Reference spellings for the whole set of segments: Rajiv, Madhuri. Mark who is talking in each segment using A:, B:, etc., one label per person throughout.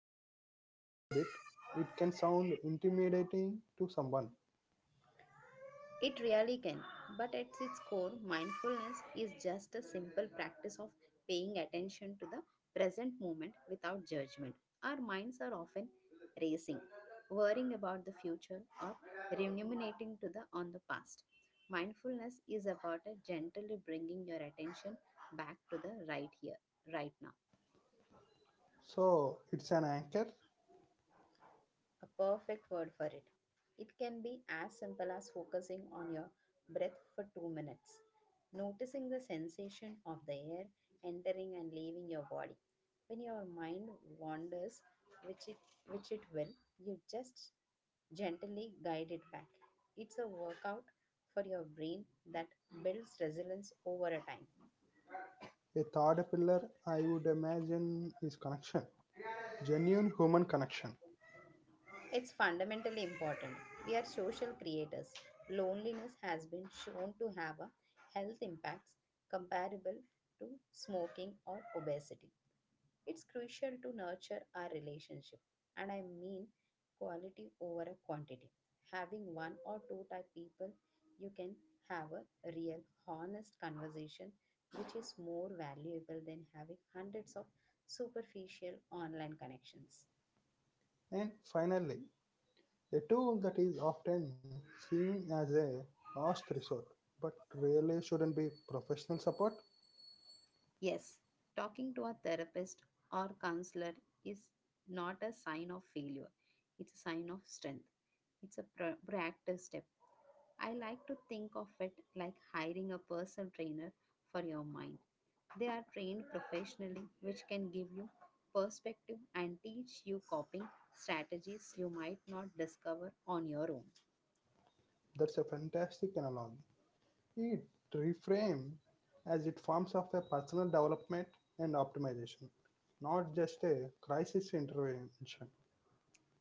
A: demystify that a bit? It can sound intimidating to someone.
B: It really can, but at its core, mindfulness is just a simple practice of paying attention to the present moment without judgment. Our minds are often racing, worrying about the future or ruminating to the on the past. Mindfulness is about a gently bringing your attention back to the right here, right now.
A: So it's an anchor.
B: A perfect word for it. It can be as simple as focusing on your breath for 2 minutes, noticing the sensation of the air entering and leaving your body. When your mind wanders, which it, which it will, you just gently guide it back. It's a workout for your brain that builds resilience over a time.
A: A third pillar I would imagine is connection, genuine human connection.
B: It's fundamentally important. We are social creators. Loneliness has been shown to have a health impacts comparable to smoking or obesity. It's crucial to nurture our relationship, and I mean quality over a quantity. Having one or two type people, you can have a real, honest conversation, which is more valuable than having hundreds of superficial online connections.
A: And finally, a tool that is often seen as a last resort, but really shouldn't be professional support.
B: Yes, talking to a therapist or counselor is not a sign of failure. It's a sign of strength. It's a proactive step. I like to think of it like hiring a personal trainer for your mind. They are trained professionally, which can give you perspective and teach you coping strategies you might not discover on your own.
A: That's a fantastic analogy. It reframe as it forms of a personal development and optimization, not just a crisis intervention.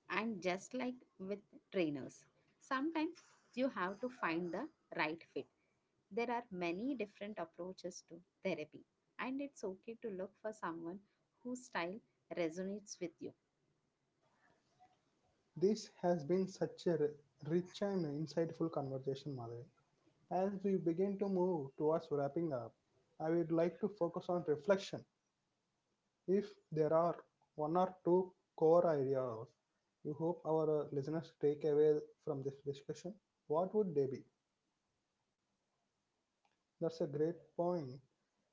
B: And just like with trainers, sometimes you have to find the right fit. There are many different approaches to therapy, and it's okay to look for someone whose style resonates with you.
A: This has been such a rich and insightful conversation, Madhuri. As we begin to move towards wrapping up, I would like to focus on reflection. If there are one or two core ideas you hope our listeners take away from this discussion, what would they be? That's a great point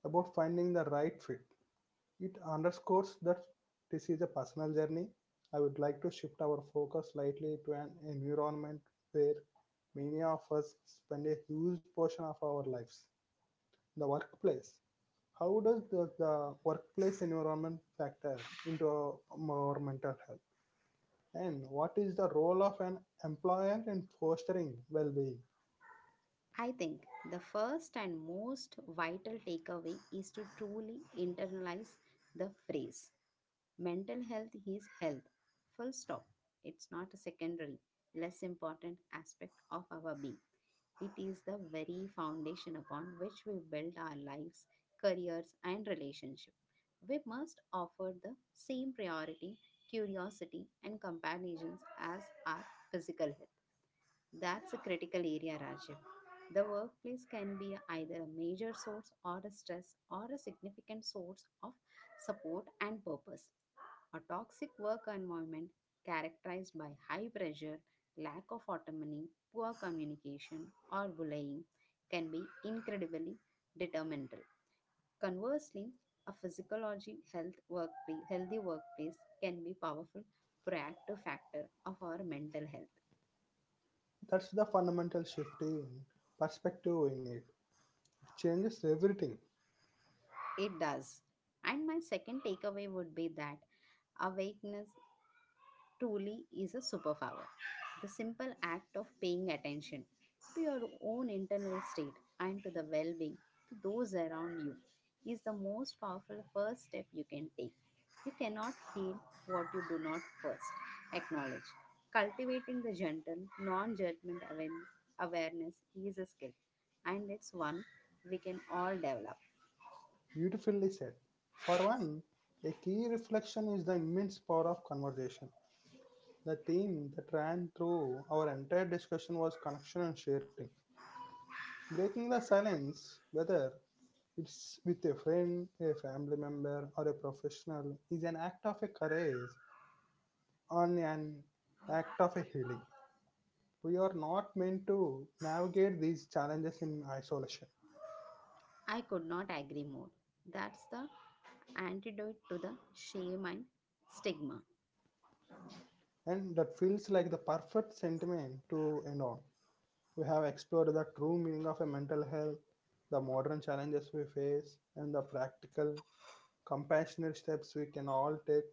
A: about finding the right fit. It underscores that this is a personal journey. I would like to shift our focus slightly to an environment where many of us spend a huge portion of our lives the workplace. How does the workplace environment factor into our mental health? And what is the role of an employer in fostering well being?
B: I think the first and most vital takeaway is to truly internalize the phrase mental health is health. Full stop. It's not a secondary, less important aspect of our being. It is the very foundation upon which we build our lives, careers, and relationships. We must offer the same priority, curiosity, and companions as our physical health. That's a critical area, Rajiv. The workplace can be either a major source or a stress or a significant source of support and purpose. A toxic work environment characterized by high pressure, lack of autonomy, poor communication, or bullying can be incredibly detrimental. Conversely, a physiology health workplace, healthy workplace can be powerful proactive factor of our mental health.
A: That's the fundamental shift in perspective we need. It changes everything.
B: It does. And my second takeaway would be that awakeness truly is a superpower. The simple act of paying attention to your own internal state and to the well being to those around you is the most powerful first step you can take. You cannot heal what you do not first acknowledge. Cultivating the gentle, non judgment awareness is a skill, and it's one we can all develop.
A: Beautifully said. For one, a key reflection is the immense power of conversation. The theme that ran through our entire discussion was connection and sharing. Breaking the silence, whether it's with a friend, a family member, or a professional, is an act of a courage and an act of a healing. We are not meant to navigate these challenges in isolation,
B: I could not agree more. That's the antidote to the shame and stigma.
A: and that feels like the perfect sentiment to end on. We have explored the true meaning of a mental health, the modern challenges we face, and the practical, compassionate steps we can all take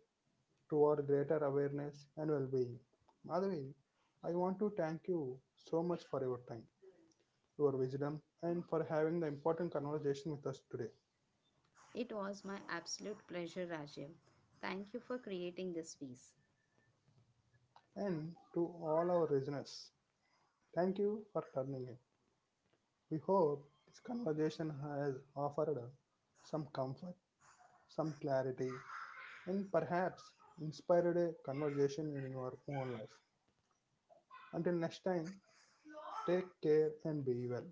A: toward greater awareness and well-being. Madhavi, I want to thank you so much for your time, your wisdom, and for having the important conversation with us today.
B: It was my absolute pleasure, Rajiv. Thank you for creating this piece.
A: And to all our listeners, thank you for turning in. We hope this conversation has offered some comfort, some clarity, and perhaps inspired a conversation in your own life. Until next time, take care and be well.